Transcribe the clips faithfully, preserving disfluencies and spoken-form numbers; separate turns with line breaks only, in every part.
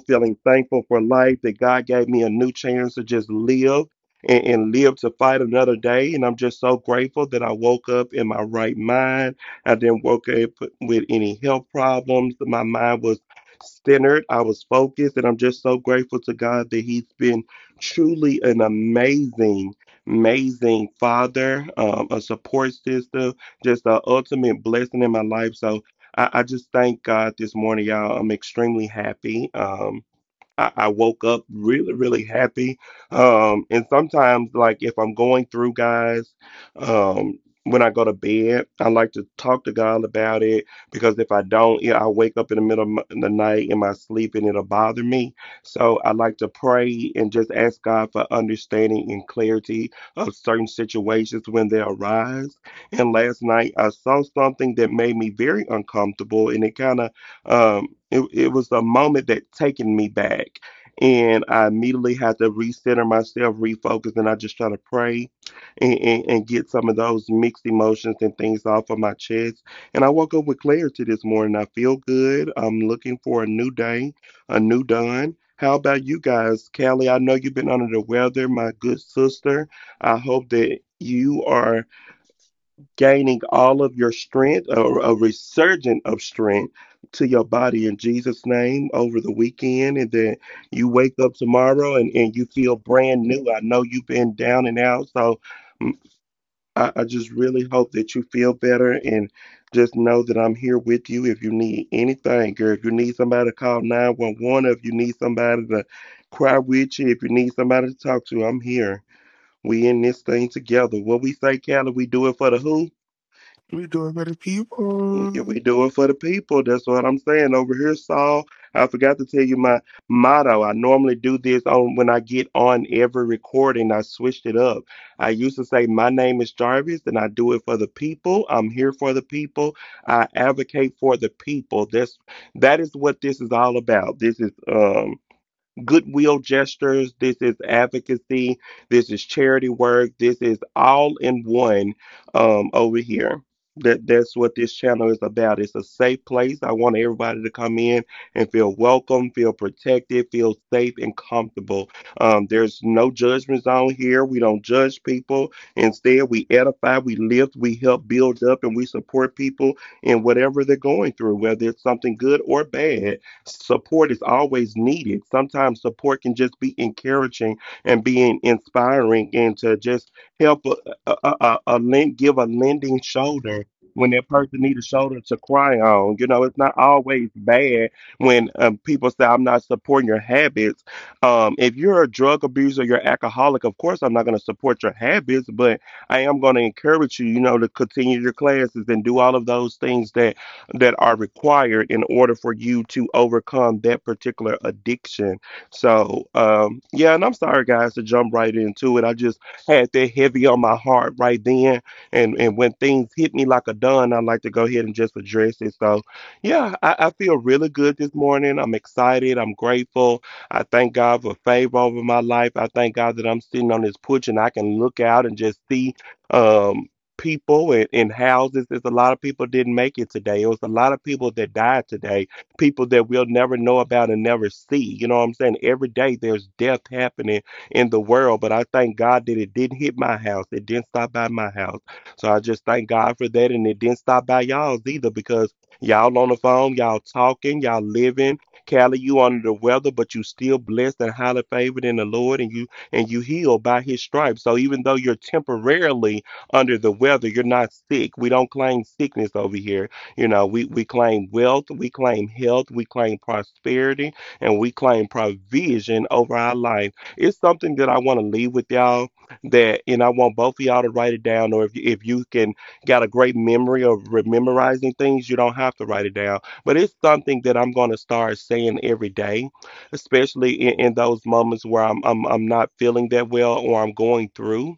feeling thankful for life that God gave me a new chance to just live and, and live to fight another day. And I'm just so grateful that I woke up in my right mind. I didn't woke up with any health problems. My mind was centered, I was focused, and I'm just so grateful to God that He's been truly an amazing amazing father, um, a support system, just an ultimate blessing in my life. So I, I just thank God this morning, y'all. I'm extremely happy. Um, I, I woke up really, really happy. Um, and sometimes, like if I'm going through, guys, um, when I go to bed, I like to talk to God about it because if I don't, yeah, I wake up in the middle of m- in the night in my sleep and it'll bother me. So I like to pray and just ask God for understanding and clarity of certain situations when they arise. And last night, I saw something that made me very uncomfortable, and it kind of um, it, it was a moment that taken me back. And I immediately had to recenter myself, refocus, and I just try to pray and, and, and get some of those mixed emotions and things off of my chest. And I woke up with clarity this morning. I feel good. I'm looking for a new day, a new dawn. How about you guys, Callie? I know you've been under the weather, my good sister. I hope that you are gaining all of your strength, or a resurgent of strength to your body in Jesus' name over the weekend. And then you wake up tomorrow and, and you feel brand new. I know you've been down and out. So mm, I, I just really hope that you feel better and just know that I'm here with you if you need anything, girl. If you need somebody to call nine one one, if you need somebody to cry with you, if you need somebody to talk to, I'm here. We in this thing together. What we say, Callie, we do it for the who?
We do it for the
If
people.
we do it for the people. That's what I'm saying. Over here, Saul, I forgot to tell you my motto. I normally do this on when I get on every recording. I switched it up. I used to say, my name is Jarvis, and I do it for the people. I'm here for the people. I advocate for the people. That's that is what this is all about. This is um goodwill gestures, this is advocacy, this is charity work, this is all in one um, over here. That that's what this channel is about. It's a safe place. I want everybody to come in and feel welcome, feel protected, feel safe and comfortable. Um, there's no judgments on here. We don't judge people. Instead, we edify, we lift, we help build up, and we support people in whatever they're going through, whether it's something good or bad. Support is always needed. Sometimes support can just be encouraging and being inspiring and to just help a, a, a, a lend, give a lending shoulder when that person needs a shoulder to cry on. You know, it's not always bad when um, people say, I'm not supporting your habits. Um, if you're a drug abuser, you're alcoholic, of course, I'm not going to support your habits, but I am going to encourage you, you know, to continue your classes and do all of those things that that are required in order for you to overcome that particular addiction. So, um, yeah, and I'm sorry, guys, to jump right into it. I just had that heavy on my heart right then. And, and when things hit me like a dun, I like to go ahead and just address it. So, yeah, I, I feel really good this morning. I'm excited. I'm grateful. I thank God for favor over my life. I thank God that I'm sitting on this porch and I can look out and just see. Um, people and in houses. There's a lot of people didn't make it today. It was a lot of people that died today, people that we'll never know about and never see. You know what I'm saying? Every day there's death happening in the world, but I thank God that it didn't hit my house. It didn't stop by my house. So I just thank God for that. And it didn't stop by y'all's either because y'all on the phone, y'all talking, y'all living. Callie, you under the weather, but you still blessed and highly favored in the Lord and you and you healed by his stripes. So even though you're temporarily under the weather. You're not sick. We don't claim sickness over here. You know, we, we claim wealth, we claim health, we claim prosperity, and we claim provision over our life. It's something that I want to leave with y'all that, and I want both of y'all to write it down, or if you, if you can got a great memory of re- memorizing things, you don't have to write it down. But it's something that I'm going to start saying every day, especially in, in those moments where I'm, I'm I'm not feeling that well or I'm going through.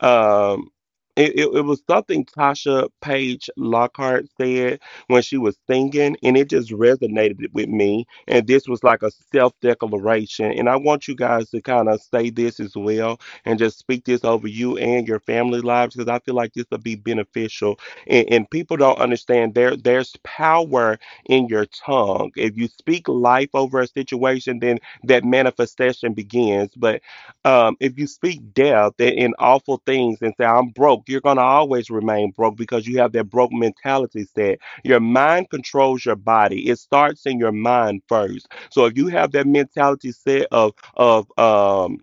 Um, it, it, it was something Tasha Page Lockhart said when she was singing, and it just resonated with me. And this was like a self declaration. And I want you guys to kind of say this as well and just speak this over you and your family lives because I feel like this will be beneficial. And, and people don't understand there there's power in your tongue. If you speak life over a situation, then that manifestation begins. But um, if you speak death and awful things and say, I'm broke, you're going to always remain broke because you have that broke mentality set. Your mind controls your body, it starts in your mind first. So if you have that mentality set of, of, um,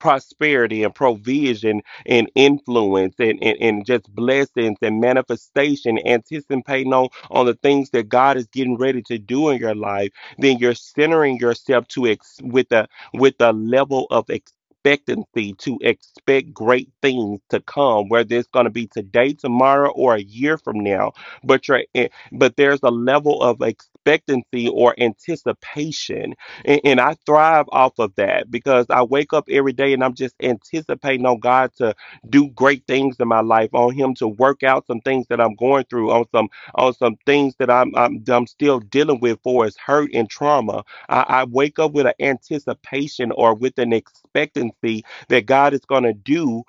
prosperity and provision and influence and, and, and just blessings and manifestation, anticipating on, on the things that God is getting ready to do in your life, then you're centering yourself to ex- with a with a level of expectancy to expect great things to come, whether it's going to be today, tomorrow, or a year from now. But you're, eh, but there's a level of expectancy or anticipation and, and I thrive off of that because I wake up every day and I'm just anticipating on God to do great things in my life, on Him to work out some things that I'm going through, on some on some things that I'm I'm, I'm still dealing with for is hurt and trauma. I, I wake up with an anticipation or with an expectancy that God is going to do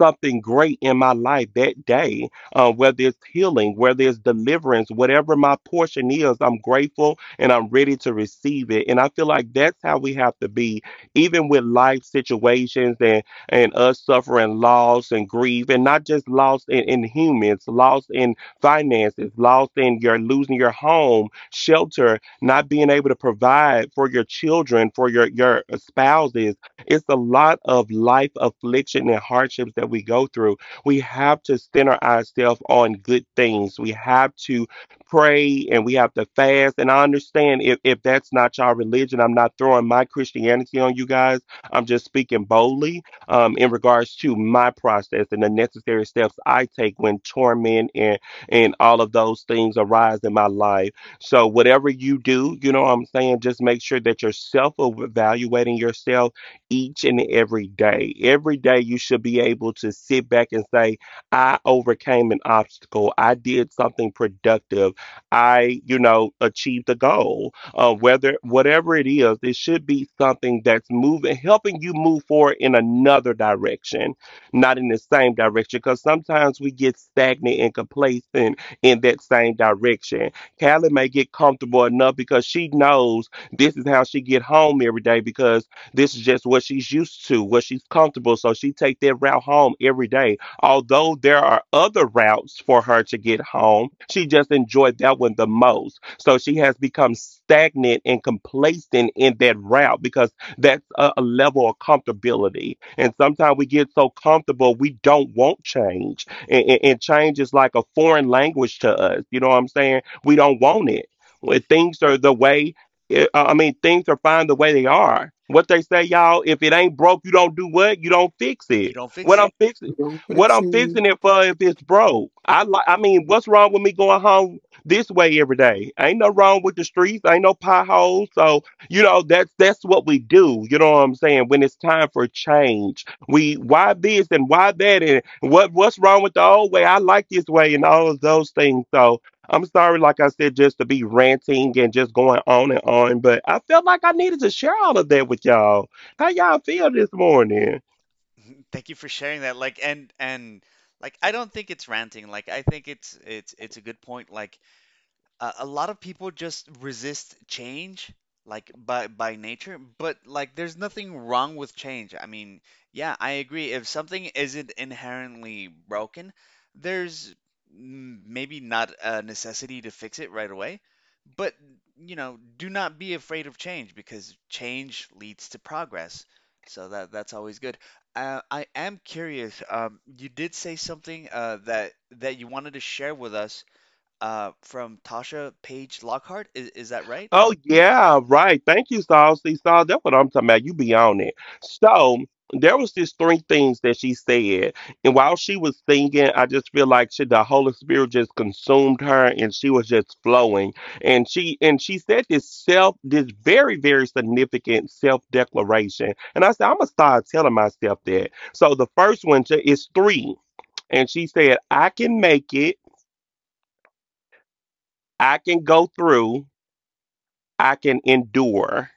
something great in my life that day, uh, whether it's healing, whether it's deliverance, whatever my portion is, I'm grateful and I'm ready to receive it. And I feel like that's how we have to be, even with life situations and, and us suffering loss and grief, and not just loss in, in humans, loss in finances, loss in your losing your home, shelter, not being able to provide for your children, for your, your spouses. It's a lot of life affliction and hardships that we go through. We have to center ourselves on good things. We have to pray and we have to fast. And I understand if, if that's not your religion, I'm not throwing my Christianity on you guys. I'm just speaking boldly um, in regards to my process and the necessary steps I take when torment and, and, all of those things arise in my life. So, whatever you do, you know what I'm saying? Just make sure that you're self evaluating yourself each and every day. Every day you should be able to sit back and say, I overcame an obstacle. I did something productive. I, you know, achieved a goal. Uh, whether whatever it is, it should be something that's moving, helping you move forward in another direction, not in the same direction. Because sometimes we get stagnant and complacent in that same direction. Callie may get comfortable enough because she knows this is how she get home every day because this is just what she's used to, what she's comfortable. So she take that route home every day. Although there are other routes for her to get home, she just enjoyed that one the most. So she has become stagnant and complacent in that route because that's a, a level of comfortability. And sometimes we get so comfortable we don't want change. And, and, and change is like a foreign language to us. You know what I'm saying? We don't want it. When things are the way it- I I mean, things are fine the way they are. What they say, y'all, if it ain't broke, you don't do what? You don't fix
You
it.
don't fix
What
it.
I'm fixing,
We gonna
what
fix
I'm fixing
it.
it for if it's broke. I like, I mean, what's wrong with me going home this way every day? Ain't no wrong with the streets. Ain't no potholes. So, you know, that's, that's what we do. You know what I'm saying? When it's time for change, we, why this and why that? And what, what's wrong with the old way? I like this way and all of those things. So, I'm sorry, like I said, just to be ranting and just going on and on, but I felt like I needed to share all of that with y'all. How y'all feel this morning?
Thank you for sharing that. Like and and like I don't think it's ranting. Like I think it's it's it's a good point. Like a, a lot of people just resist change like by by nature, but like there's nothing wrong with change. I mean, yeah, I agree, if something isn't inherently broken, there's n- maybe not a necessity to fix it right away, but you know, do not be afraid of change because change leads to progress. So that that's always good. uh, I am curious, um, you did say something uh, that that you wanted to share with us, uh, from Tasha Page Lockhart. Is, is that right?
Oh, yeah, right. Thank you, Saul. See, Saul, that's what I'm talking about. You be on it. So there was just three things that she said, and while she was singing, I just feel like she, the Holy Spirit just consumed her, and she was just flowing. And she and she said this self, this very very significant self declaration. And I said, I'm gonna start telling myself that. So the first one ju- is three, and she said, I can make it. I can go through. I can endure.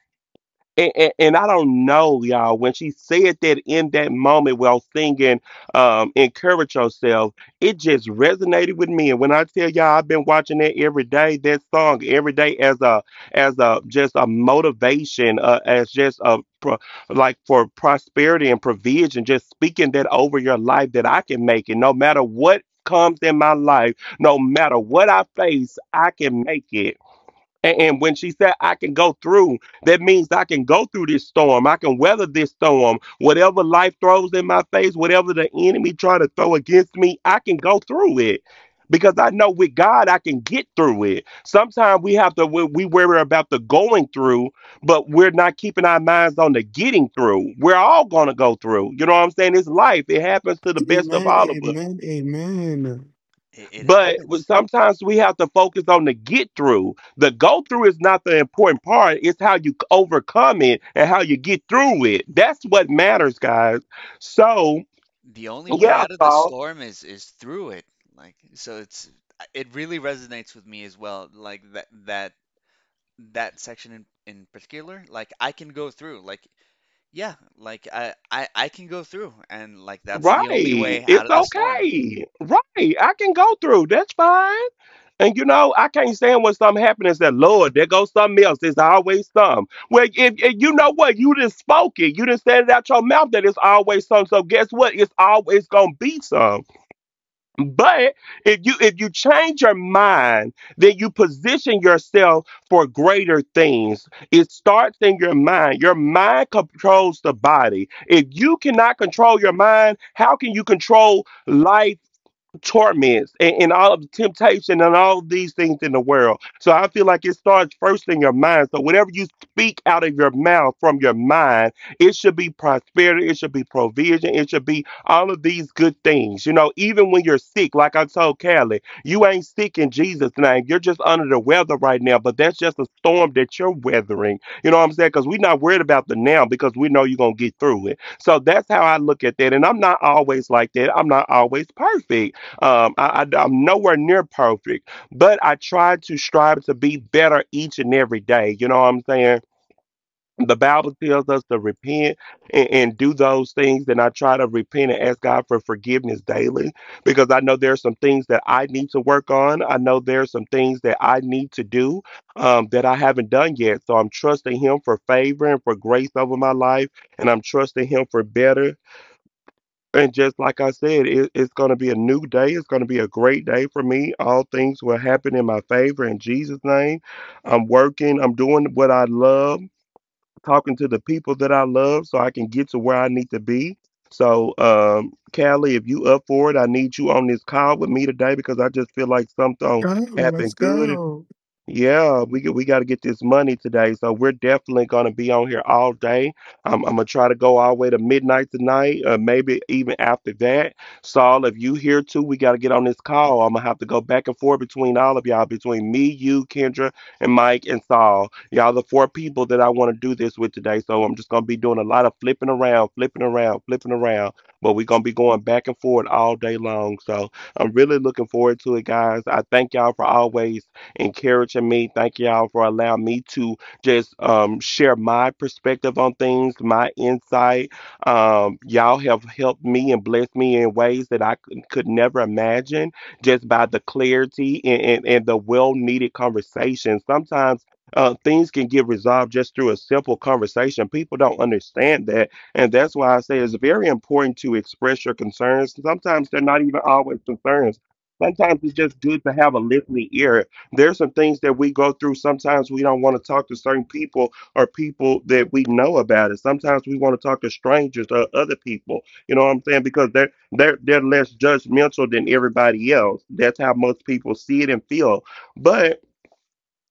And, and, and I don't know, y'all, when she said that in that moment while singing um, Encourage Yourself, it just resonated with me. And when I tell y'all I've been watching that every day, that song every day as a as a just a motivation, uh, as just a pro, like for prosperity and provision, just speaking that over your life that I can make it no matter what comes in my life, no matter what I face, I can make it. A- And when she said, I can go through, that means I can go through this storm. I can weather this storm. Whatever life throws in my face, whatever the enemy try to throw against me, I can go through it. Because I know with God, I can get through it. Sometimes we have to, we we worry about the going through, but we're not keeping our minds on the getting through. We're all going to go through. You know what I'm saying? It's life. It happens to the best of
Amen,
all of us.
amen, amen.
It, it
But w-
happens.
sometimes we have to focus on the get through. The go through is not the important part. It's how you c- overcome it and how you get through it. That's what matters, guys. So,
The only way
yeah,
out of the
so,
storm is is through it. Like so, it's it really resonates with me as well. Like that that that section in in particular. Like I can go through. Like yeah, like I I I can go through, and like that's the only
right.
way out
It's
of the storm.
okay. Right. I can go through. That's fine. And you know, I can't stand when something happens and say, Lord, there goes something else. There's always some. Well, if, if you know what, you just spoke it. You just said it out your mouth that it's always some. So guess what? It's always gonna be some. But if you if you change your mind, then you position yourself for greater things. It starts in your mind. Your mind controls the body. If you cannot control your mind, how can you control life? Torments and, and all of the temptation and all of these things in the world. So I feel like it starts first in your mind. So whatever you speak out of your mouth from your mind, it should be prosperity, it should be provision, it should be all of these good things. You know, even when you're sick, like I told Callie, you ain't sick in Jesus' name. You're just under the weather right now, but that's just a storm that you're weathering. You know what I'm saying? Because we're not worried about the now because we know you're gonna get through it. So that's how I look at that. And I'm not always like that. I'm not always perfect um, I, I, I'm nowhere near perfect, but I try to strive to be better each and every day. You know what I'm saying? The Bible tells us to repent and, and do those things, and I try to repent and ask God for forgiveness daily because I know there are some things that I need to work on. I know there are some things that I need to do um, that I haven't done yet. So I'm trusting Him for favor and for grace over my life, and I'm trusting Him for better and just like I said, it, it's going to be a new day. It's going to be a great day for me. All things will happen in my favor in Jesus' name. I'm working, I'm doing what I love, talking to the people that I love so I can get to where I need to be. So, um, Callie, if you up for it, I need you on this call with me today because I just feel like something
Go, let's
happened good,
go.
yeah, we g- we got to get this money today, so we're definitely gonna be on here all day. I'm I'm gonna try to go all the way to midnight tonight, uh, maybe even after that. Saul, if you here too, we got to get on this call. I'm gonna have to go back and forth between all of y'all, between me, you, Kendra, and Mike and Saul. Y'all, the four people that I want to do this with today. So I'm just gonna be doing a lot of flipping around, flipping around, flipping around. But we're gonna be going back and forth all day long. So I'm really looking forward to it, guys. I thank y'all for always encouraging me. Thank y'all for allowing me to just um, share my perspective on things, my insight. Um, y'all have helped me and blessed me in ways that I could, could never imagine just by the clarity and, and, and the well needed conversation. Sometimes uh, things can get resolved just through a simple conversation. People don't understand that. And that's why I say it's very important to express your concerns. Sometimes they're not even always concerns. Sometimes it's just good to have a listening ear. There's some things that we go through. Sometimes we don't want to talk to certain people or people that we know about it. Sometimes we want to talk to strangers or other people. You know what I'm saying? Because they're they're they're less judgmental than everybody else. That's how most people see it and feel. But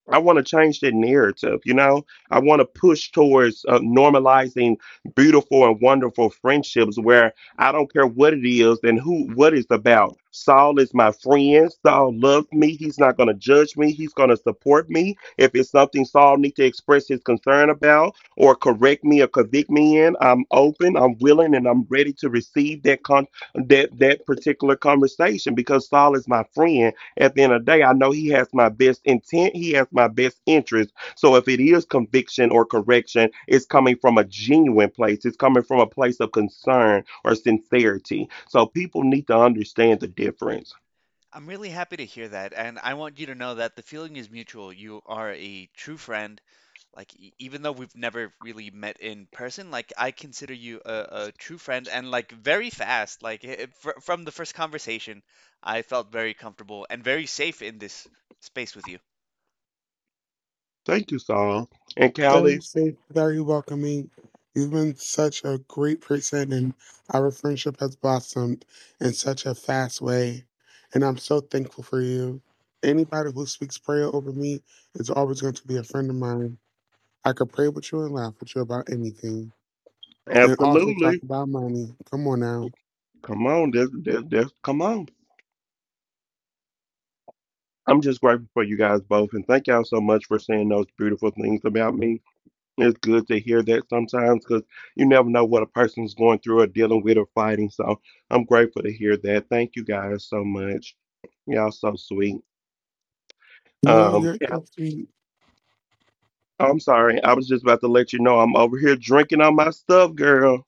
I want to change that narrative, you know? I want to push towards uh, normalizing beautiful and wonderful friendships where I don't care what it is and who what it's about. Saul is my friend. Saul loves me. He's not going to judge me. He's going to support me. If it's something Saul needs to express his concern about or correct me or convict me in, I'm open, I'm willing, and I'm ready to receive that con- that that particular conversation because Saul is my friend. At the end of the day, I know he has my best intent, he has my best interest. So if it is conviction or correction, it's coming from a genuine place, it's coming from a place of concern or sincerity. So people need to understand the difference.
I'm really happy to hear that. And I want you to know that the feeling is mutual. You are a true friend. Like, e- even though we've never really met in person, like, I consider you a, a true friend and, like, very fast. Like, I- fr from the first conversation, I felt very comfortable and very safe in this space with you.
Thank you, Saul. And Callie,
Very safe, very welcoming. You've been such a great person, and our friendship has blossomed in such a fast way. And I'm so thankful for you. Anybody who speaks prayer over me is always going to be a friend of mine. I could pray with you and laugh with you about anything, and also talk
absolutely.
about money. Come on now.
Come on, that's, that's, that's, come on. I'm just grateful for you guys both, and thank y'all so much for saying those beautiful things about me. It's good to hear that sometimes because you never know what a person's going through or dealing with or fighting. So I'm grateful to hear that. Thank you guys so much. Y'all so sweet.
No,
Um,
you're
yeah,
so sweet.
I'm sorry. I was just about to let you know I'm over here drinking on my stuff, girl.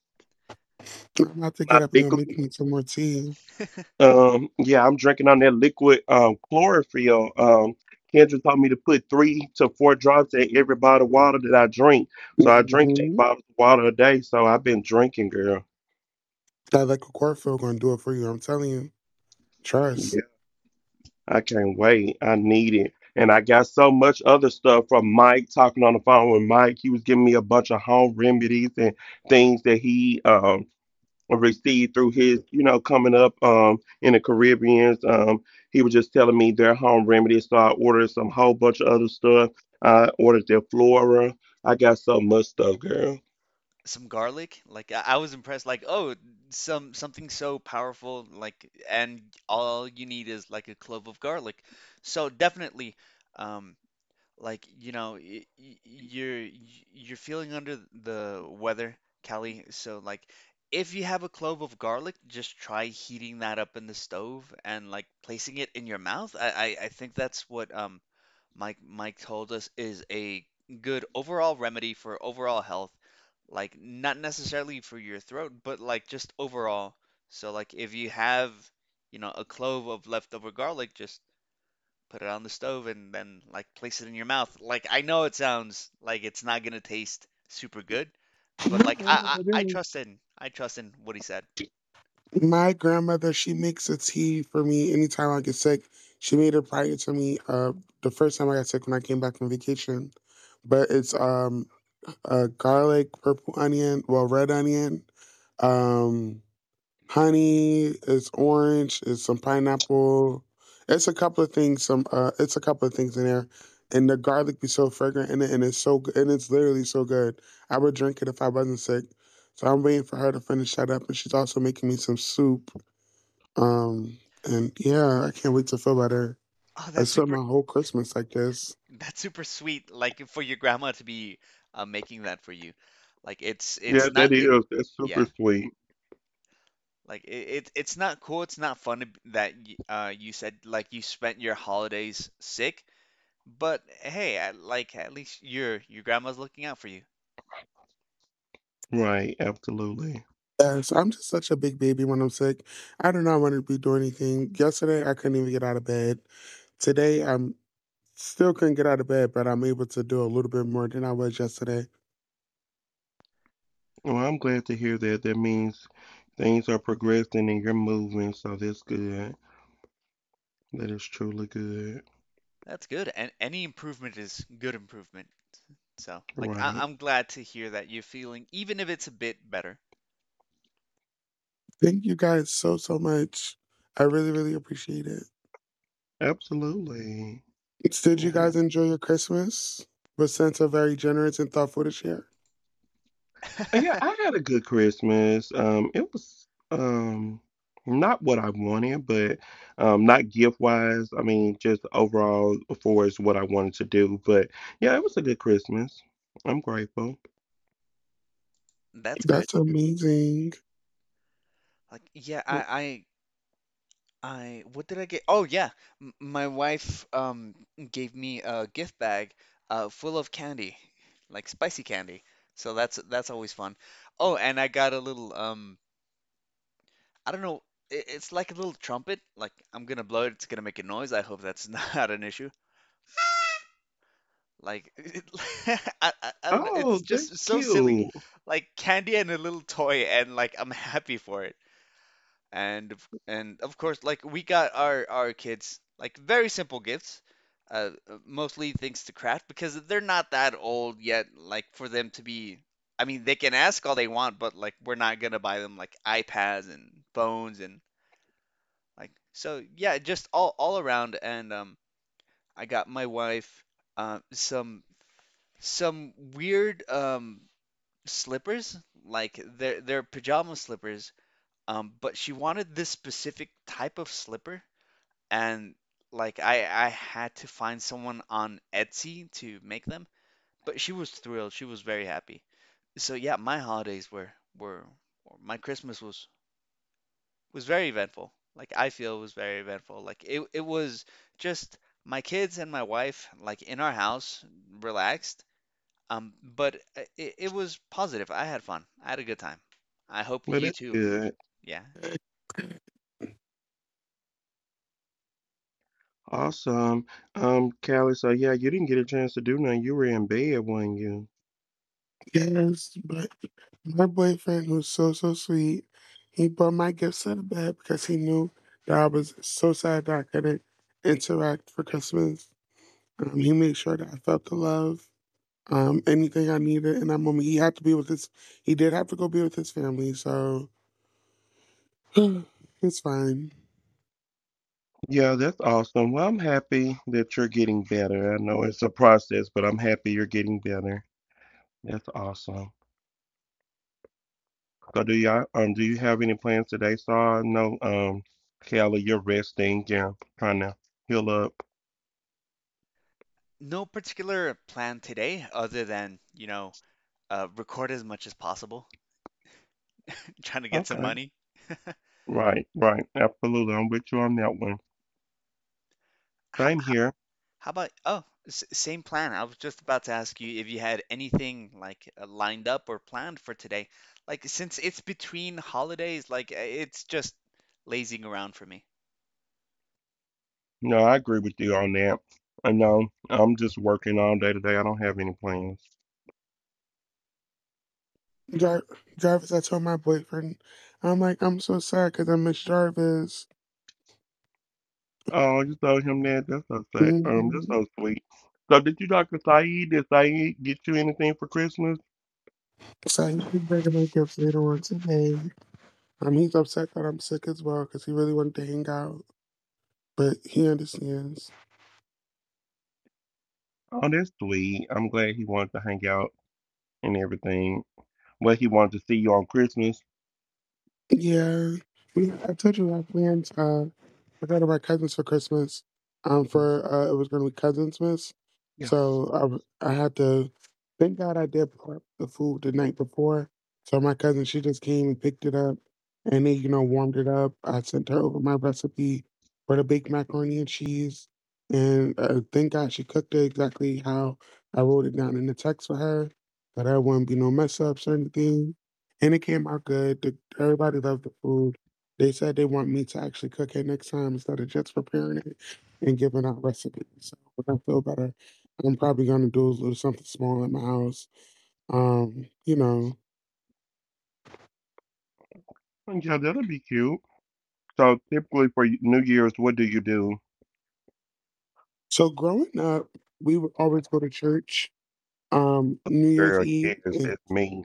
I'm about to
My
get up and go
liquid.
make me some more tea.
Um, yeah, I'm drinking on that liquid um chlorophyll. Um, Kendra told me to put three to four drops in every bottle of water that I drink. So I drink eight
Mm-hmm.
bottles of water a day. So I've been drinking, girl.
That like a cornfield gonna do it for you. I'm telling you.
Yeah.
Trust.
I can't wait. I need it. And I got so much other stuff from Mike talking on the phone with Mike. He was giving me a bunch of home remedies and things that he um received through his, you know, coming up um in the Caribbeans. Um he was just telling me their home remedies. So I ordered some whole bunch of other stuff. I ordered their flora. I got so much stuff, girl.
Some garlic, like, I, I was impressed. Like, oh, some something so powerful, like, and all you need is, like, a clove of garlic. So, definitely. Um, Like, you know, y- y- you're you're feeling under the weather, Kelly. So like if you have a clove of garlic, just try heating that up in the stove and like placing it in your mouth. I I, I think that's what um Mike Mike told us is a good overall remedy for overall health. Like not necessarily for your throat, but like just overall. So like if you have, you know, a clove of leftover garlic, just put it on the stove, and then like place it in your mouth. Like I know it sounds like it's not gonna taste super good, but
No,
like
I
I
never
I, I
did.
trust in I trust in what he said.
My grandmother, she makes a tea for me anytime I get sick. She made it prior to me uh the first time I got sick when I came back from vacation. But it's um uh garlic, purple onion, well, red onion, um honey, it's orange, it's some pineapple. It's a couple of things, some uh it's a couple of things in there. And the garlic be so fragrant in it, and it's so good, and it's literally so good. I would drink it if I wasn't sick. So I'm waiting for her to finish that up, and she's also making me some soup. Um and yeah, I can't wait to feel better.
Oh,
I
that's
spent
super
my whole Christmas like this.
that's super sweet. Like for your grandma to be uh, making that for you. Like it's
Yeah,
it's not
that
it
is. That's super
yeah.
sweet.
Like it, it it's not cool. It's not fun to, b- that y- uh you said like you spent your holidays sick. But hey, at, like at least your your grandma's looking out for you.
Right, absolutely.
Yes, I'm just such a big baby when I'm sick. I do not want to be doing anything. Yesterday I couldn't even get out of bed. Today I'm still couldn't get out of bed, but I'm able to do a little bit more than I was yesterday.
Well, I'm glad to hear that. That means things are progressing and you're moving, so that's good. That is truly good.
That's good. And any improvement is good improvement. So, like, I
Right.
I'm glad to hear that you're feeling, even if it's a bit better.
Thank you guys so, so much. I really, really appreciate it.
Absolutely.
Did you
Yeah.
guys enjoy your Christmas? Was Santa very generous and thoughtful this year?
Yeah, I had a good Christmas. Um, it was um not what I wanted, but um not gift wise. I mean, just overall for is what I wanted to do. But yeah, it was a good Christmas. I'm grateful.
That's good.
That's amazing.
Like, yeah,
Mm.
I, I, I, what did I get? Oh, yeah, m my wife um gave me a gift bag uh full of candy, like spicy candy. So that's that's always fun. Oh, and I got a little um I don't know, it, it's like a little trumpet. Like I'm gonna blow it, it's gonna make a noise. I hope that's not an issue. Like it, I, I I don't know,
Oh,
it's just
that's
so silly.
cute.
Like candy and a little toy and like I'm happy for it. And of- and of course like we got our our kids like very simple gifts. Uh, uh, mostly things to craft because they're not that old yet like for them to be. I mean, they can ask all they want, but like we're not gonna buy them like iPads and phones and like so yeah, just all all around. And um I got my wife uh, some some weird um slippers, like they're they're pajama slippers. Um, but she wanted this specific type of slipper, and like I I had to find someone on Etsy to make them. But she was thrilled. She was very happy. So yeah, my holidays were were or my Christmas was was very eventful. Like I feel it was very eventful. Like it it was just my kids and my wife like in our house relaxed. Um, but uh, it, it was positive. I had fun. I had a good time. I hope
Well,
you
that's
too.
good.
Yeah.
Awesome. Um, Callie, so yeah, you didn't get a chance to do nothing. You were in bed, weren't you?
Yes, but my boyfriend, who's so, so sweet, he brought my gifts out of bed because he knew that I was so sad that I couldn't interact for Christmas. Um, he made sure that I felt the love, um, anything I needed in that moment. He had to be with his, he did have to go be with his family, so it's fine.
Yeah, that's awesome. Well, I'm happy that you're getting better. I know it's a process, but I'm happy you're getting better. That's awesome. So do y'all um do you have any plans today? So I know um Callie, you're resting, yeah, trying to heal up.
No particular plan today other than, you know, uh, record as much as possible, trying to get some
Okay.
money.
Right, right. Absolutely. I'm with you on that one.
How,
Same here.
how about, oh, s same plan. I was just about to ask you if you had anything like uh, lined up or planned for today. Like, since it's between holidays, like, uh, it's just lazing around for me.
No, I agree with you on that. I know I'm just working all day today. I don't have any plans.
Jar- Jarvis, I told my boyfriend, I'm like, I'm so sad because I miss Jarvis.
Oh, you told him that. That's so sad. Um, that's
hmm
so sweet. So did you talk to Saeed? Did Saeed get you anything for Christmas?
So he's bringing my gifts later on today. Um, he's upset that I'm sick as well because he really wanted to hang out, but he understands.
Oh, that's sweet. I'm glad he wanted to hang out and everything. Well, he wanted to see you on Christmas.
Yeah, we. I told you I planned. Uh, I got to my cousins for Christmas. Um, for uh, it was going to be cousins miss,
Yeah.
so I w- I had to. Thank God I did prep the food the night before. So my cousin, she just came and picked it up, and then you know warmed it up. I sent her over my recipe for the baked macaroni and cheese, and uh, thank God she cooked it exactly how I wrote it down in the text for her, that there wouldn't be no mess ups or anything. And it came out good. The, everybody loved the food. They said they want me to actually cook it next time instead of just preparing it and giving out recipes. So when I feel better, I'm probably going to do a little something small at my house. Um, you know,
Yeah, that'll be cute. So typically for y- New Year's, what do you do?
so growing up, we would always go to church, um, New Year's
Girl,
Eve,
yes,
and
it's me.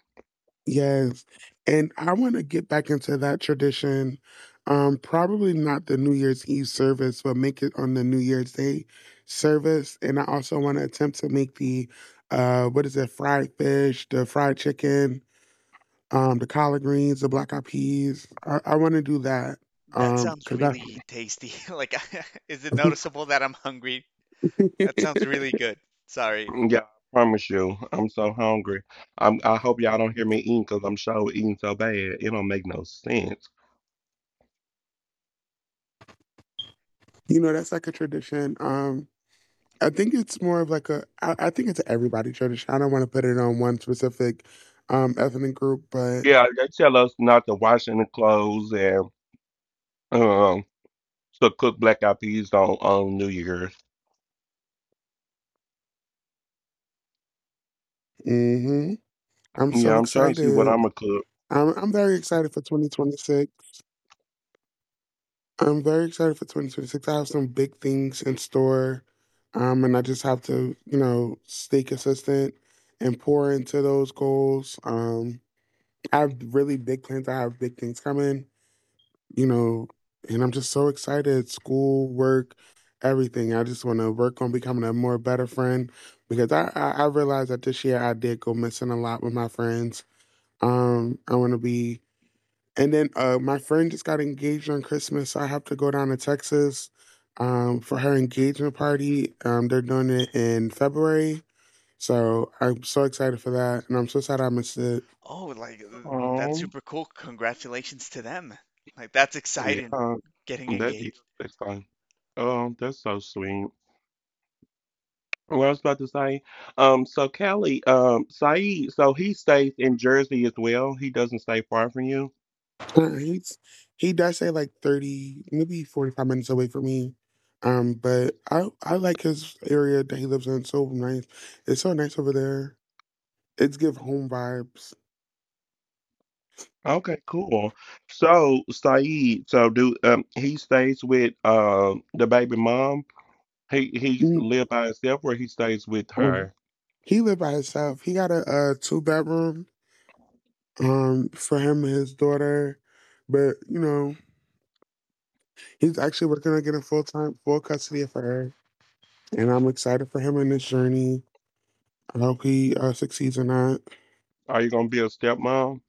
yes, and I wanna get back into that tradition, um, probably not the New Year's Eve service, but make it on the New Year's Day service. And I also wanna attempt to make the, uh, what is it? Fried fish, the fried chicken, um, the collard greens, the black eyed peas. I I wanna do that.
That
Um,
sounds
cause
really tasty. Like, is it
that,
noticeable that I'm hungry? That sounds really good. Sorry.
Yeah, I promise you. I'm so hungry. I'm, I hope y'all don't hear me eating because I'm sure eating so bad. It don't make no sense.
you know, that's like a tradition, um, I think it's more of like a I I think it's a everybody tradition. I don't wanna put it on one specific, um, ethnic group, but
Yeah, they tell us not to wash any clothes and. Um, so cook black eyed peas on on New Year's.
hmm I'm
Yeah,
so
I'm trying to see what
excited.
I'm gonna cook.
I'm I'm very excited for twenty twenty-six. I'm very excited for twenty twenty-six. I have some big things in store, um, and I just have to, you know, stay consistent and pour into those goals. Um, I have really big plans. I have big things coming, you know, and I'm just so excited. School, work, everything. I just want to work on becoming a more better friend because I I, I realized that this year I did go missing a lot with my friends. Um, I want to be. And then uh, my friend just got engaged on Christmas, so I have to go down to Texas um, for her engagement party. Um, they're doing it in February, so I'm so excited for that, and I'm so sad I missed it.
Oh, like th- that's
Um,
super cool. Congratulations to them. Like that's exciting
yeah,
getting
that is
engaged.
next time. Um, that's so sweet. What I was about to say, um, so Callie, um, Saeed, so he stays in Jersey as well. He doesn't stay far from you.
Uh, he's he does say like thirty, maybe forty five minutes away from me, um, but I I like his area that he lives in. It's so nice. It's so nice over there. It's give home vibes.
Okay, cool. So Saeed, so do um he stays with um the baby mom? He he's
Mm,
live by himself or he stays with
um,
her?
He lived by himself. He got a, a two bedroom um, for him and his daughter. But you know, he's actually working on getting full time, full custody of her, and I'm excited for him in this journey. I hope he uh, succeeds or not.
Are you gonna be a stepmom?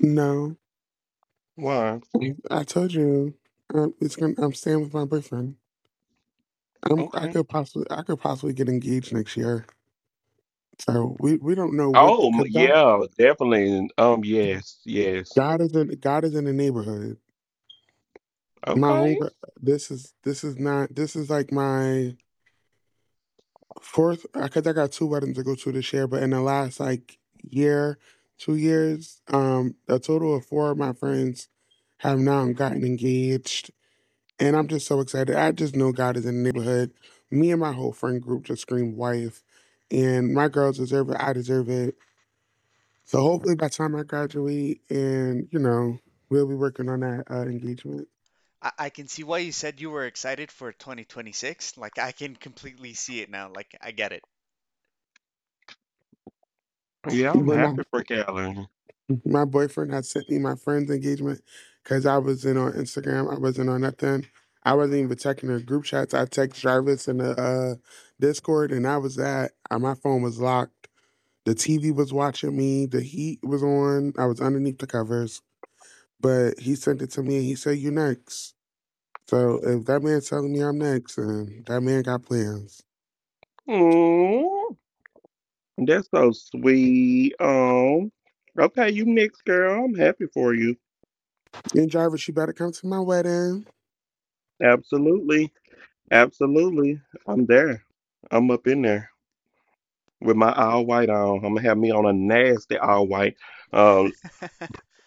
No,
Why?
I told you, um, it's gonna. I'm staying with my boyfriend. I'm. I
Okay.
could possibly. I could possibly get engaged next year. So we we don't know what,
Oh, m-
because God
yeah, definitely. Um, yes, yes.
God is in God is in the neighborhood. My home.
Okay.
This is this is not. This is like my fourth, because I got two weddings to go to this year, but in the last like year, two years, um, a total of four of my friends have now gotten engaged, and I'm just so excited. I just know God is in the neighborhood. Me and my whole friend group just scream wife, and my girls deserve it. I deserve it. So hopefully by the time I graduate, and you know, we'll be working on that uh, engagement.
I, I can see why you said you were excited for twenty twenty-six. Like I can completely see it now. Like I get it.
Yeah, I'm
But now,
happy for Callie.
my boyfriend had sent me my friend's engagement because I wasn't on Instagram. I wasn't on nothing. I wasn't even checking the group chats. I text Jarvis in the uh, Discord, and I was at Uh, my phone was locked. The T V was watching me. The heat was on. I was underneath the covers. But he sent it to me, and he said, "You next." So if that man's telling me I'm next, then that man got plans.
Mm, that's so sweet. Um, okay, you next girl. I'm happy for you.
And Jarvis, you better come to my wedding.
Absolutely. Absolutely. I'm there. I'm up in there with my all white on. I'm gonna have me on a nasty all white uh,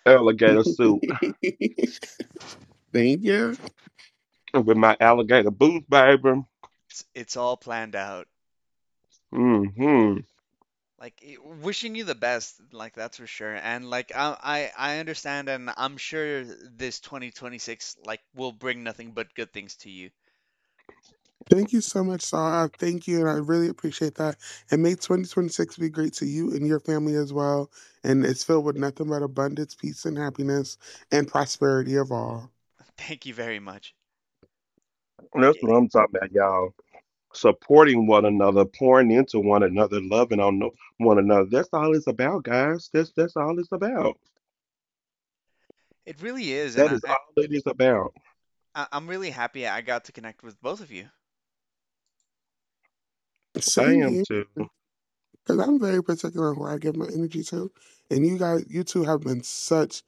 alligator suit
Thank you.
with my alligator boots, baby.
It's, it's all planned out.
Mm-hmm.
Like i- wishing you the best, like that's for sure. And like I, I I understand and I'm sure this twenty twenty-six like will bring nothing but good things to you.
Thank you so much, Sarah. Thank you, and I really appreciate that. And may twenty twenty-six be great to you and your family as well, and it's filled with nothing but abundance, peace, and happiness, and prosperity of all.
Thank you very much. Like
That's
it,
what I'm talking about, y'all. Supporting one another, pouring into one another, loving on no- one another. That's all it's about, guys. That's that's all it's about.
it really is, and
That
I,
is
I
all it is about.
I- I'm really happy I got to connect with both of you.
I
Same
am
here,
too.
because I'm very particular on who I give my energy to. And you guys, you two have been such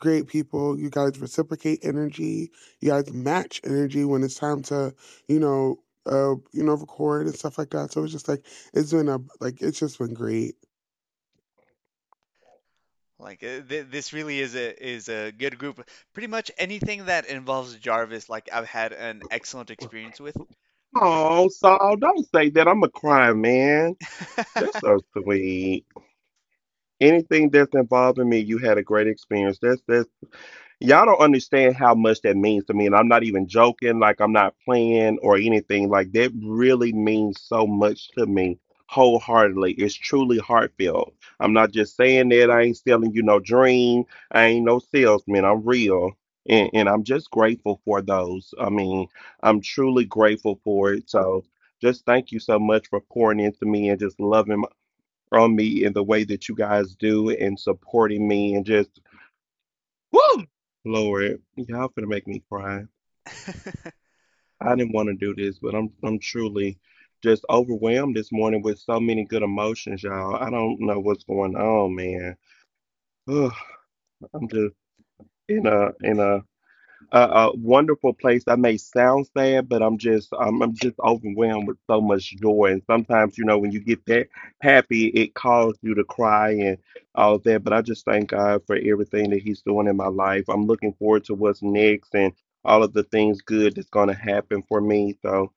great people. You guys reciprocate energy. You guys match energy when it's time to, you know, uh, you know, record and stuff like that. So it's just like it's been a, like, it's just been great.
Like uh, th- this really is a is a good group. Pretty much anything that involves Jarvis, like I've had an excellent experience with. Like,
Oh, Saul, don't say that. I'm a cry, man. That's so sweet. Anything that's involving me, you had a great experience. That's y'all don't understand how much that means to me. And I'm not even joking, like I'm not playing or anything. Like that really means so much to me wholeheartedly. It's truly heartfelt. I'm not just saying that. I ain't selling you no dream. I ain't no salesman. I'm real. And, and I'm just grateful for those. I mean, I'm truly grateful for it. So just thank you so much for pouring into me and just loving on me in the way that you guys do and supporting me and just Woo! Lord, y'all finna make me cry. I didn't want to do this, but I'm I'm truly just overwhelmed this morning with so many good emotions, y'all. I don't know what's going on, man. Ugh, I'm just in a in a a, a wonderful place. That may sound sad, but I'm just I'm, I'm just overwhelmed with so much joy. And sometimes, you know, when you get that happy, it calls you to cry and all that. But I just thank God for everything that He's doing in my life. I'm looking forward to what's next and all of the things good that's going to happen for me. So.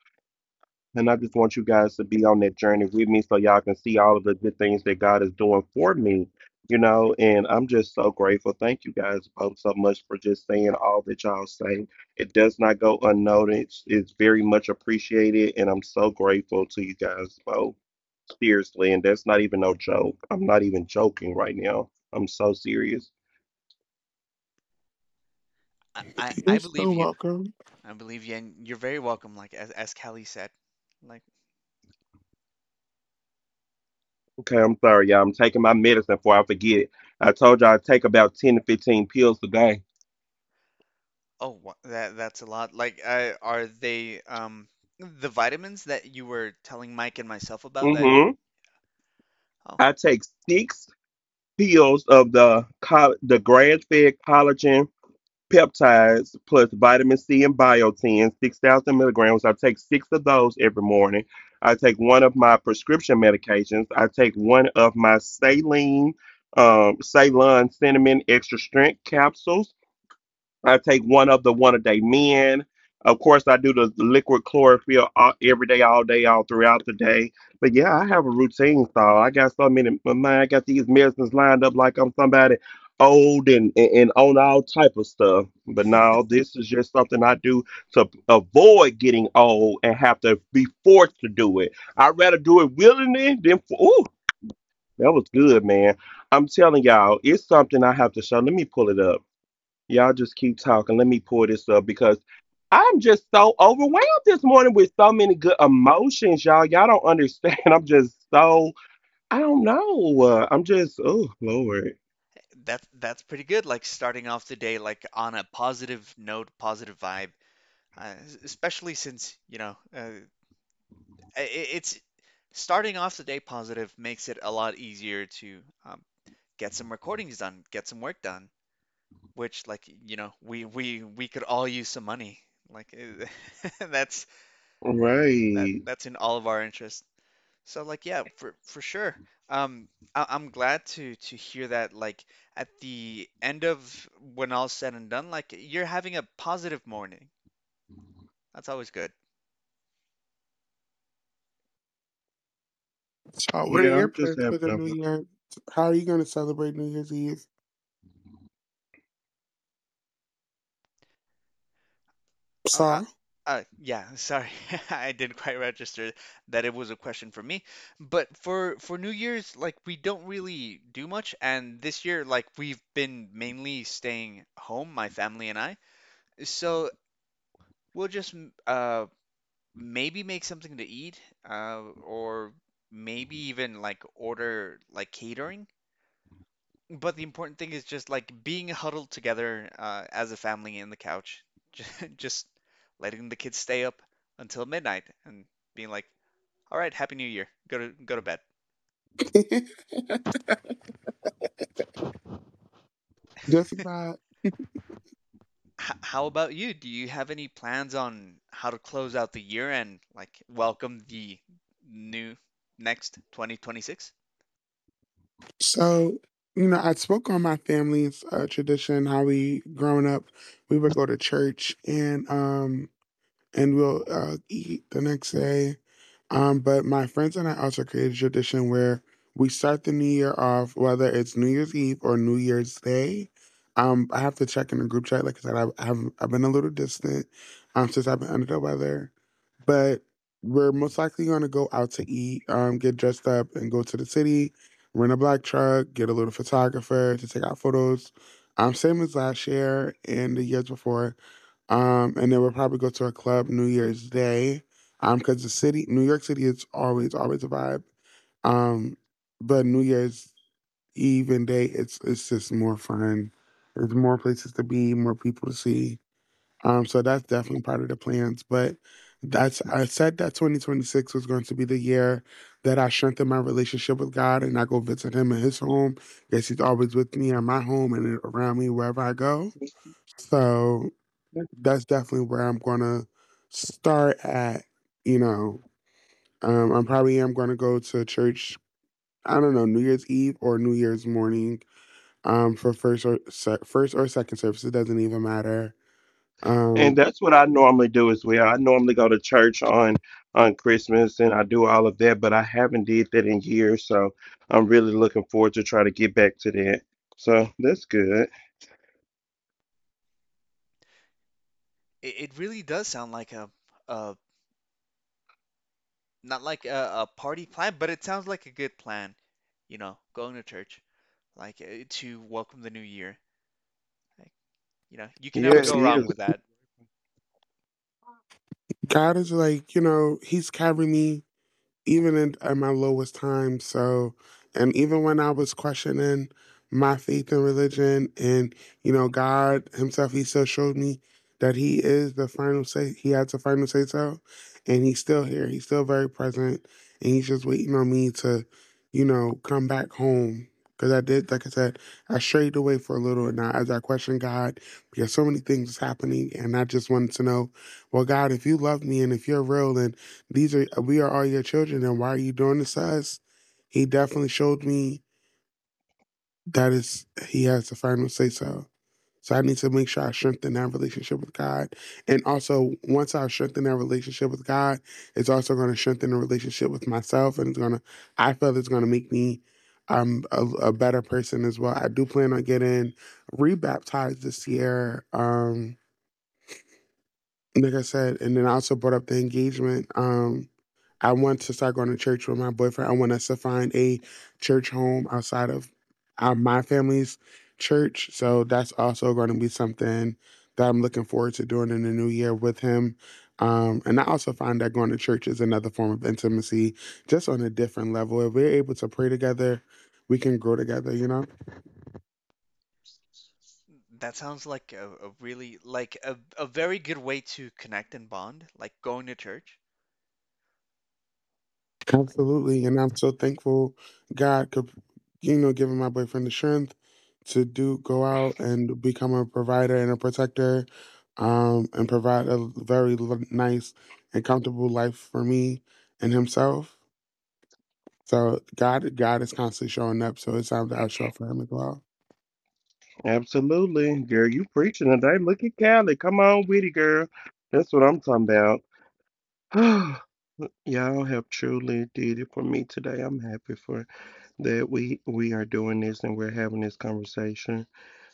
And I just want you guys to be on that journey with me so y'all can see all of the good things that God is doing for me, you know. And I'm just so grateful. Thank you guys both so much for just saying all that y'all say. It does not go unnoticed, it's very much appreciated. And I'm so grateful to you guys both, seriously. And that's not even no joke. I'm not even joking right now. I'm so serious.
I-, I I
You're
believe
so
you.
welcome.
I believe you, and you're very welcome. Like as as Callie said, like
Okay, I'm sorry, y'all. I'm taking my medicine before I forget it. I told y'all I take about ten to fifteen pills a day.
oh wha- that that's a lot. Like uh, are they um the vitamins that you were telling Mike and myself about
Mm
that?
hmm.
Oh,
I take six pills of the col- the grass-fed collagen peptides plus vitamin C and biotin, six thousand milligrams. I take six of those every morning. I take one of my prescription medications. I take one of my saline, um, Ceylon cinnamon extra strength capsules. I take one of the one a day men. Of course, I do the liquid chlorophyll all, every day, all day, all throughout the day. But yeah, I have a routine, so I got so many. My mind, I got these medicines lined up like I'm somebody old and, and, and on all type of stuff. But now this is just something I do to avoid getting old and have to be forced to do it. I'd rather do it willingly than for. Ooh, that was good, man. I'm telling y'all, it's something I have to show. Let me pull it up. Y'all just keep talking. Let me pull this up because I'm just so overwhelmed this morning with so many good emotions, y'all. Y'all don't understand. I'm just so, I don't know. Uh, I'm just, oh, Lord.
that's that's pretty good. Like starting off the day like on a positive note, positive vibe. uh, especially since, you know, uh, i- it's starting off the day positive makes it a lot easier to um, get some recordings done, get some work done, which like, you know, we we we could all use some money. Like that's that
Right.
that's in all of our interest. So like yeah, for for sure. Um I, I'm glad to to hear that like at the end of when all's said and done, like you're having a positive morning. That's always good.
So, what are
Yeah,
your
I'm just
plans
having
for the
a.
New Year? How are you going to celebrate New Year's Eve?
Oh, uh,
So,
uh, yeah, sorry. I didn't quite register that it was a question for me. But for for New Year's, like we don't really do much, and this year, like we've been mainly staying home, my family and I. So we'll just m- uh maybe make something to eat, uh, or maybe even like order like catering. But the important thing is just like being huddled together uh, as a family in the couch, just letting the kids stay up until midnight and being like, "All right, happy New Year. Go to go to bed."
just like that.
H- how about you? Do you have any plans on how to close out the year and like welcome the new next twenty twenty-six?
So, you know, I spoke on my family's uh, tradition, how we, growing up, we would go to church and, um, and we'll uh, eat the next day. Um, but my friends and I also created a tradition where we start the new year off, whether it's New Year's Eve or New Year's Day. Um, I have to check in the group chat. Like I said, I've, I've, I've been a little distant, um, since I've been under the weather. But we're most likely going to go out to eat, um, get dressed up, and go to the city, rent a black truck, get a little photographer to take out photos. Um, same as last year and the years before. Um, and then we'll probably go to a club New Year's Day. Um, because the city, New York City, is always, always a vibe. Um, but New Year's Eve and day, it's it's just more fun. There's more places to be, more people to see. Um, so that's definitely part of the plans. But that's, I said that twenty twenty-six was going to be the year that I strengthen my relationship with God, and I go visit Him in His home. Guess He's always with me in my home and around me wherever I go. So that's definitely where I'm gonna start at, you know. Um, I'm probably am gonna go to church, I don't know, New Year's Eve or New Year's morning, um, for first or se- first or second service. It doesn't even matter.
And
Um
that's what I normally do as well. I normally go to church on on Christmas and I do all of that, but I haven't did that in years. So I'm really looking forward to trying to get back to that. So that's good.
It, it really does sound like a, a not like a, a party plan, but it sounds like a good plan. You know, going to church, like uh, to welcome the new year. Like, you know, you can never
Yeah, it
go wrong
is.
with that.
God is like, you know, He's carrying me even in, at my lowest time. So, and even when I was questioning my faith in religion, and you know, God Himself, He still showed me that He is the final say. He has the final say so, and He's still here. He's still very present, and He's just waiting on me to, you know, come back home. Because I did, like I said, I strayed away for a little, and I, as I questioned God, because so many things is happening, and I just wanted to know, well, God, if you love me and if you're real, and these are we are all your children, and why are you doing this to us? He definitely showed me that is he has the final say so. So I need to make sure I strengthen that relationship with God. And also once I strengthen that relationship with God, it's also going to strengthen the relationship with myself and it's gonna I feel it's gonna make me um a, a better person as well. I do plan on getting rebaptized this year. Um like I said, and then I also brought up the engagement. Um I want to start going to church with my boyfriend. I want us to find a church home outside of uh, my family's church. So that's also going to be something that I'm looking forward to doing in the new year with him. Um, and I also find that going to church is another form of intimacy, just on a different level. If we're able to pray together, we can grow together, you know?
That sounds like a, a really like a, a very good way to connect and bond, like going to church. Like
Absolutely, and I'm so thankful God could, you know, giving my boyfriend the strength to do go out and become a provider and a protector, um, and provide a very l- nice and comfortable life for me and himself. So God, God is constantly showing up. So it's time to show up for him as well.
Absolutely, girl. You preaching today. Look at Callie. Come on with it, girl. That's what I'm talking about. Y'all have truly did it for me today. I'm happy for that we we are doing this and we're having this conversation.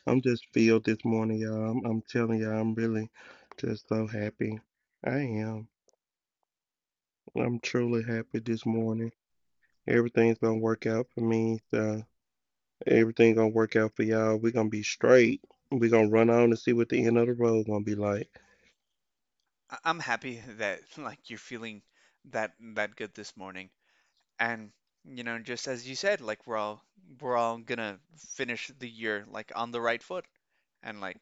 I'm just filled this morning, y'all. I'm, I'm telling y'all, I'm really just so happy. I am. I'm truly happy this morning. Everything's gonna work out for me. So everything gonna work out for y'all. We're gonna be straight. We're gonna run on and see what the end of the road gonna be like.
I- I'm happy that like you're feeling that that good this morning. And you know, just as you said, like we're all we're all gonna finish the year like on the right foot. And like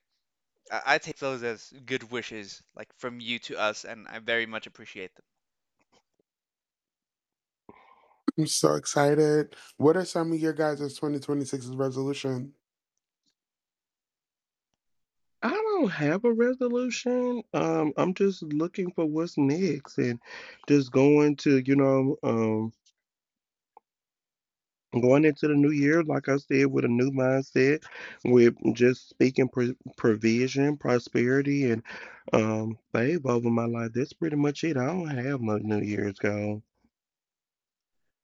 I, I take those as good wishes like from you to us, and I very much appreciate them.
I'm so excited. What are some of your guys' twenty twenty-six's resolution?
I don't have a resolution. Um, I'm just looking for what's next and just going to, you know, um, going into the new year, like I said, with a new mindset, with just speaking pro provision, prosperity, and um, favor over my life. That's pretty much it. I don't have no New Year's goal.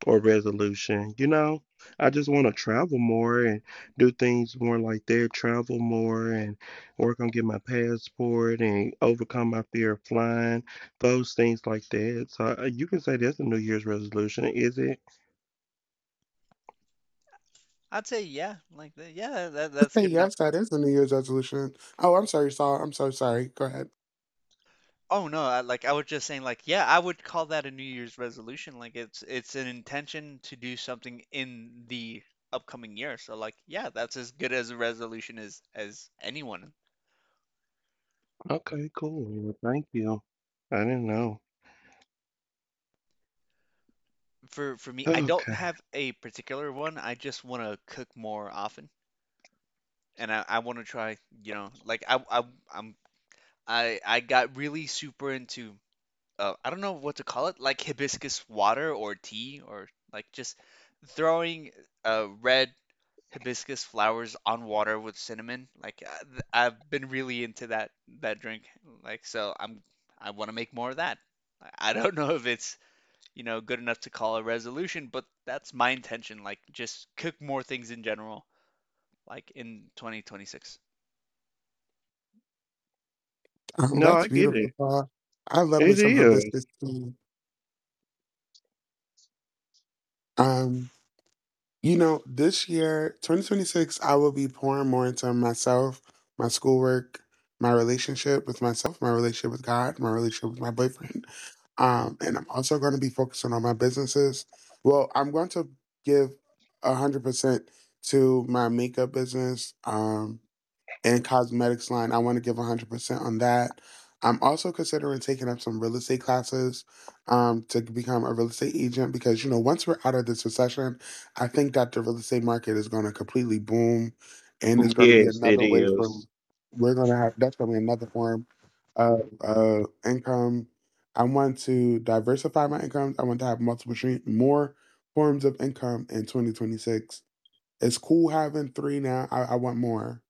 Or resolution. You know, I just want to travel more and do things more like that, travel more and work on getting my passport and overcome my fear of flying, those things like that. So uh, you can say that's a New Year's resolution, is it?
I'd say yeah, like the, yeah, that, that's
Say
good enough.
yes, that is a New Year's resolution. Oh, I'm sorry, Saul. I'm so sorry. Go ahead.
Oh no, I, like I was just saying like yeah, I would call that a New Year's resolution. Like it's it's an intention to do something in the upcoming year. So like yeah, that's as good as a resolution as as anyone.
Okay, cool. Well, thank you. I didn't know.
For for me, I don't
Okay.
have a particular one. I just want to cook more often and I I want to try, you know, like I I I'm I I got really super into uh I don't know what to call it, like hibiscus water or tea or like just throwing uh red hibiscus flowers on water with cinnamon. Like uh, th- I've been really into that that drink. Like so I'm I want to make more of that. I I don't know if it's, you know, good enough to call a resolution, but that's my intention. Like just cook more things in general, like in twenty twenty-six.
Um,
No,
that's
I get it.
beautiful, Paul. I love me
It
some
is.
hibiscus too. Um, you know, this year, twenty twenty-six, I will be pouring more into myself, my schoolwork, my relationship with myself, my relationship with God, my relationship with my boyfriend. Um, and I'm also going to be focusing on my businesses. Well, I'm going to give one hundred percent to my makeup business. Um, and cosmetics line. I want to give one hundred percent on that. I'm also considering taking up some real estate classes um, to become a real estate agent because, you know, once we're out of this recession, I think that the real estate market is going to completely boom and it's going to be
Yes, it
another way for,
is.
we're going to have, that's going to be another form of uh, income. I want to diversify my incomes. I want to have multiple, stream, more forms of income in twenty twenty-six. It's cool having three now. I, I want more.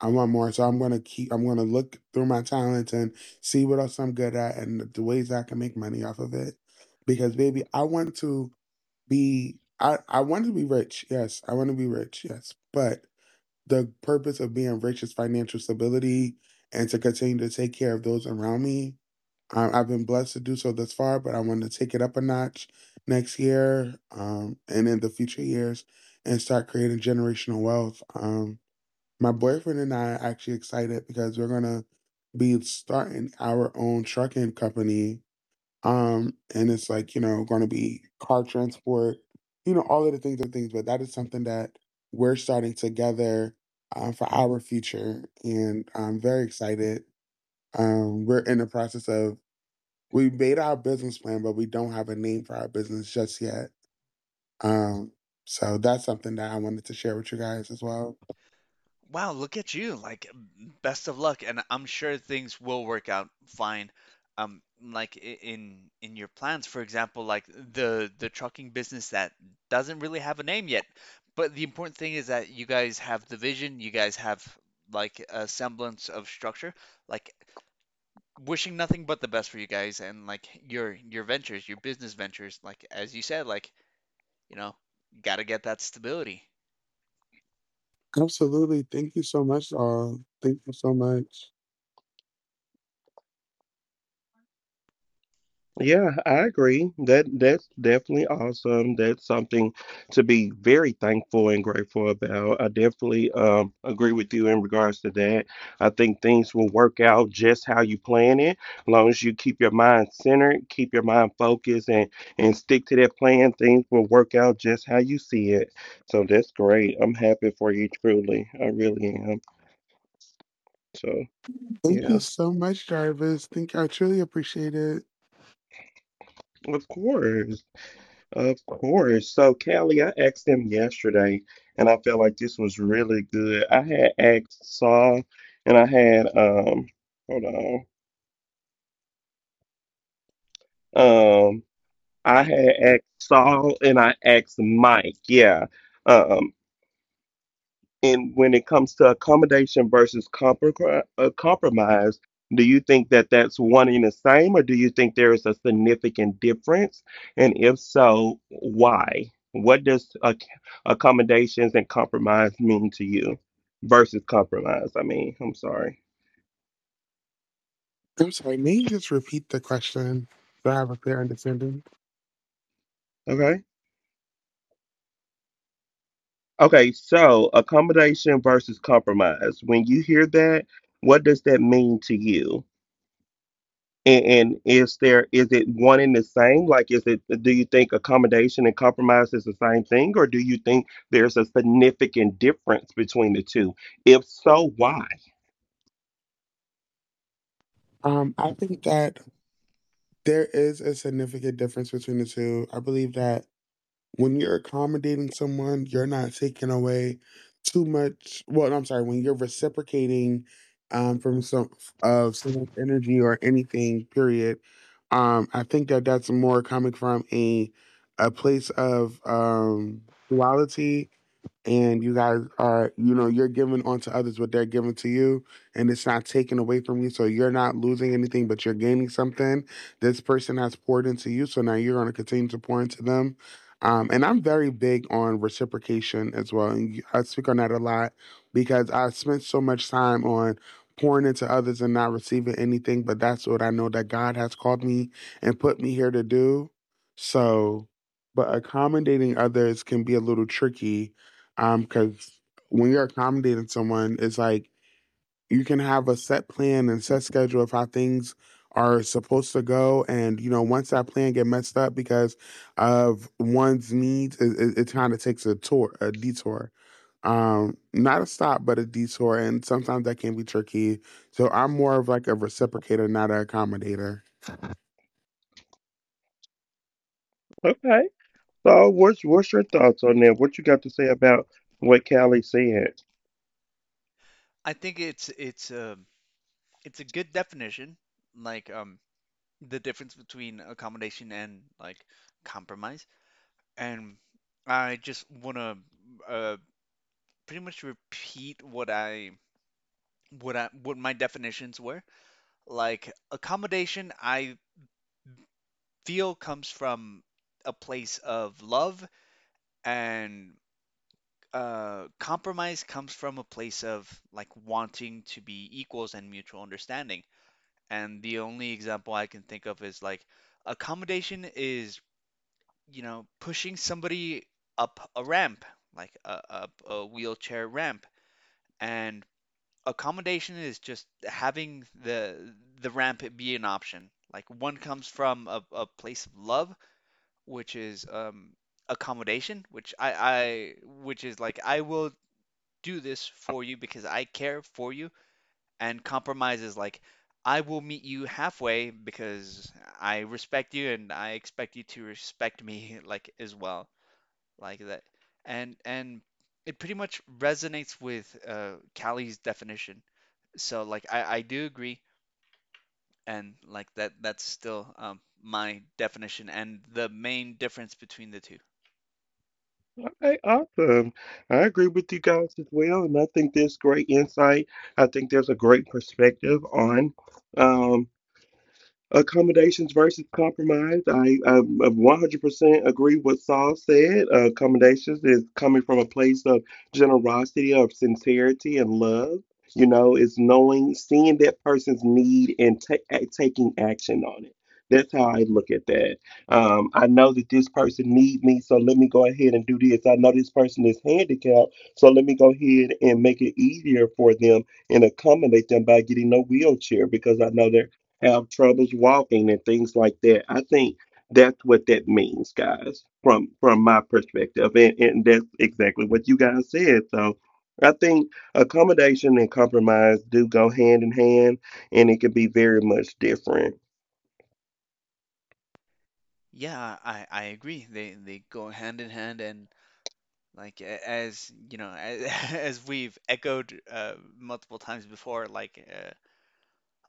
I want more. So I'm gonna keep I'm gonna look through my talents and see what else I'm good at and the ways I can make money off of it. Because baby, I want to be I, I want to be rich. Yes. I want to be rich. Yes. But the purpose of being rich is financial stability and to continue to take care of those around me. Um, I've been blessed to do so thus far, but I want to take it up a notch next year um, and in the future years and start creating generational wealth. Um. My boyfriend and I are actually excited because we're gonna be starting our own trucking company. Um, and it's like, you know, gonna be car transport, you know, all of the things, other things, but that is something that we're starting together uh, for our future. And I'm very excited. Um, we're in the process of we made our business plan, but we don't have a name for our business just yet. Um, so that's something that I wanted to share with you guys as well.
Wow, look at you. Like, best of luck, and I'm sure things will work out fine. Um, like i- in in your plans, for example, like the the trucking business that doesn't really have a name yet, but the important thing is that you guys have the vision, you guys have like a semblance of structure. Like, wishing nothing but the best for you guys and like your your ventures, your business ventures. Like as you said, like you know, gotta get that stability,
Absolutely. Thank you so much, all. Thank you so much.
Yeah, I agree. That that's definitely awesome. That's something to be very thankful and grateful about. I definitely um agree with you in regards to that. I think things will work out just how you plan it, as long as you keep your mind centered, keep your mind focused, and and stick to that plan. Things will work out just how you see it. So that's great. I'm happy for you, truly. I really am. So
Thank
yeah,
you so much, Jarvis. Think I truly appreciate it.
of course. Of course. So, Callie, I asked them yesterday, and I felt like this was really good. I had asked Saul, and I had um, hold on, um, I
Mike.
had asked Saul, and I asked Mike. Yeah. um, And when it comes to accommodation versus compro- uh, compromise, do you think that that's one and the same, or do you think there is a significant difference? And if so, why? What does ac- accommodations and compromise mean to you versus compromise? I mean, I'm sorry.
I'm sorry, may you just repeat the question so I have a clear understanding?
Okay. Okay. So, accommodation versus compromise. When you hear that, what does that mean to you? And, and is there is it one and the same? Like, is it do you think accommodation and compromise is the same thing, or do you think there's a significant difference between the two? If so, why?
Um, I think that there is a significant difference between the two. I believe that when you're accommodating someone, you're not taking away too much. Well, I'm sorry, when you're reciprocating um, from some of someone's energy or anything, period. Um, I think that that's more coming from a a place of um, duality and you guys are you know you're giving onto others what they're giving to you and it's not taken away from you so you're not losing anything but you're gaining something this person has poured into you so now you're going to continue to pour into them um, and I'm very big on reciprocation as well and I speak on that a lot because I spent so much time on pouring into others and not receiving anything but that's what I know that God has called me and put me here to do so but accommodating others can be a little tricky um, because when you're accommodating someone, it's like you can have a set plan and set schedule of how things are supposed to go, and you know once that plan get messed up because of one's needs, it, it, it kind of takes a tour, a detour. Um, not a stop, but a detour, and sometimes that can be tricky. So I'm more of like a reciprocator, not an accommodator.
Okay. So, what's what's your thoughts on that? What you got to say about what Callie said?
I think it's it's um it's a good definition, like um the difference between accommodation and like compromise. And I just want to uh pretty much repeat what I what I what my definitions were. Like accommodation, I feel comes from a place of love, and uh, compromise comes from a place of like wanting to be equals and mutual understanding. And the only example I can think of is like accommodation is, you know, pushing somebody up a ramp, like a, a, a wheelchair ramp. And accommodation is just having the the ramp be an option. Like one comes from a, a place of love, which is um, accommodation, which I, I which is like I will do this for you because I care for you, and compromise is like I will meet you halfway because I respect you and I expect you to respect me like as well like that and and it pretty much resonates with uh Callie's definition. So like I I do agree and like that that's still um my definition and the main difference between the two.
All right, awesome. I agree with you guys as well, and I think there's great insight. I think there's a great perspective on. um, accommodations versus compromise. I, I one hundred percent agree what Saul said. Uh, accommodations is coming from a place of generosity, of sincerity, and love. You know, it's knowing, seeing that person's need and ta- a- taking action on it. That's how I look at that. Um, I know that this person needs me, so let me go ahead and do this. I know this person is handicapped, so let me go ahead and make it easier for them and accommodate them by getting a wheelchair because I know they're have troubles walking and things like that. I think that's what that means, guys, from from my perspective. And, and that's exactly what you guys said. So I think accommodation and compromise do go hand in hand and it can be very much different.
Yeah, I I agree, they they go hand in hand, and like a- as you know, as, as we've echoed uh, multiple times before, like uh, a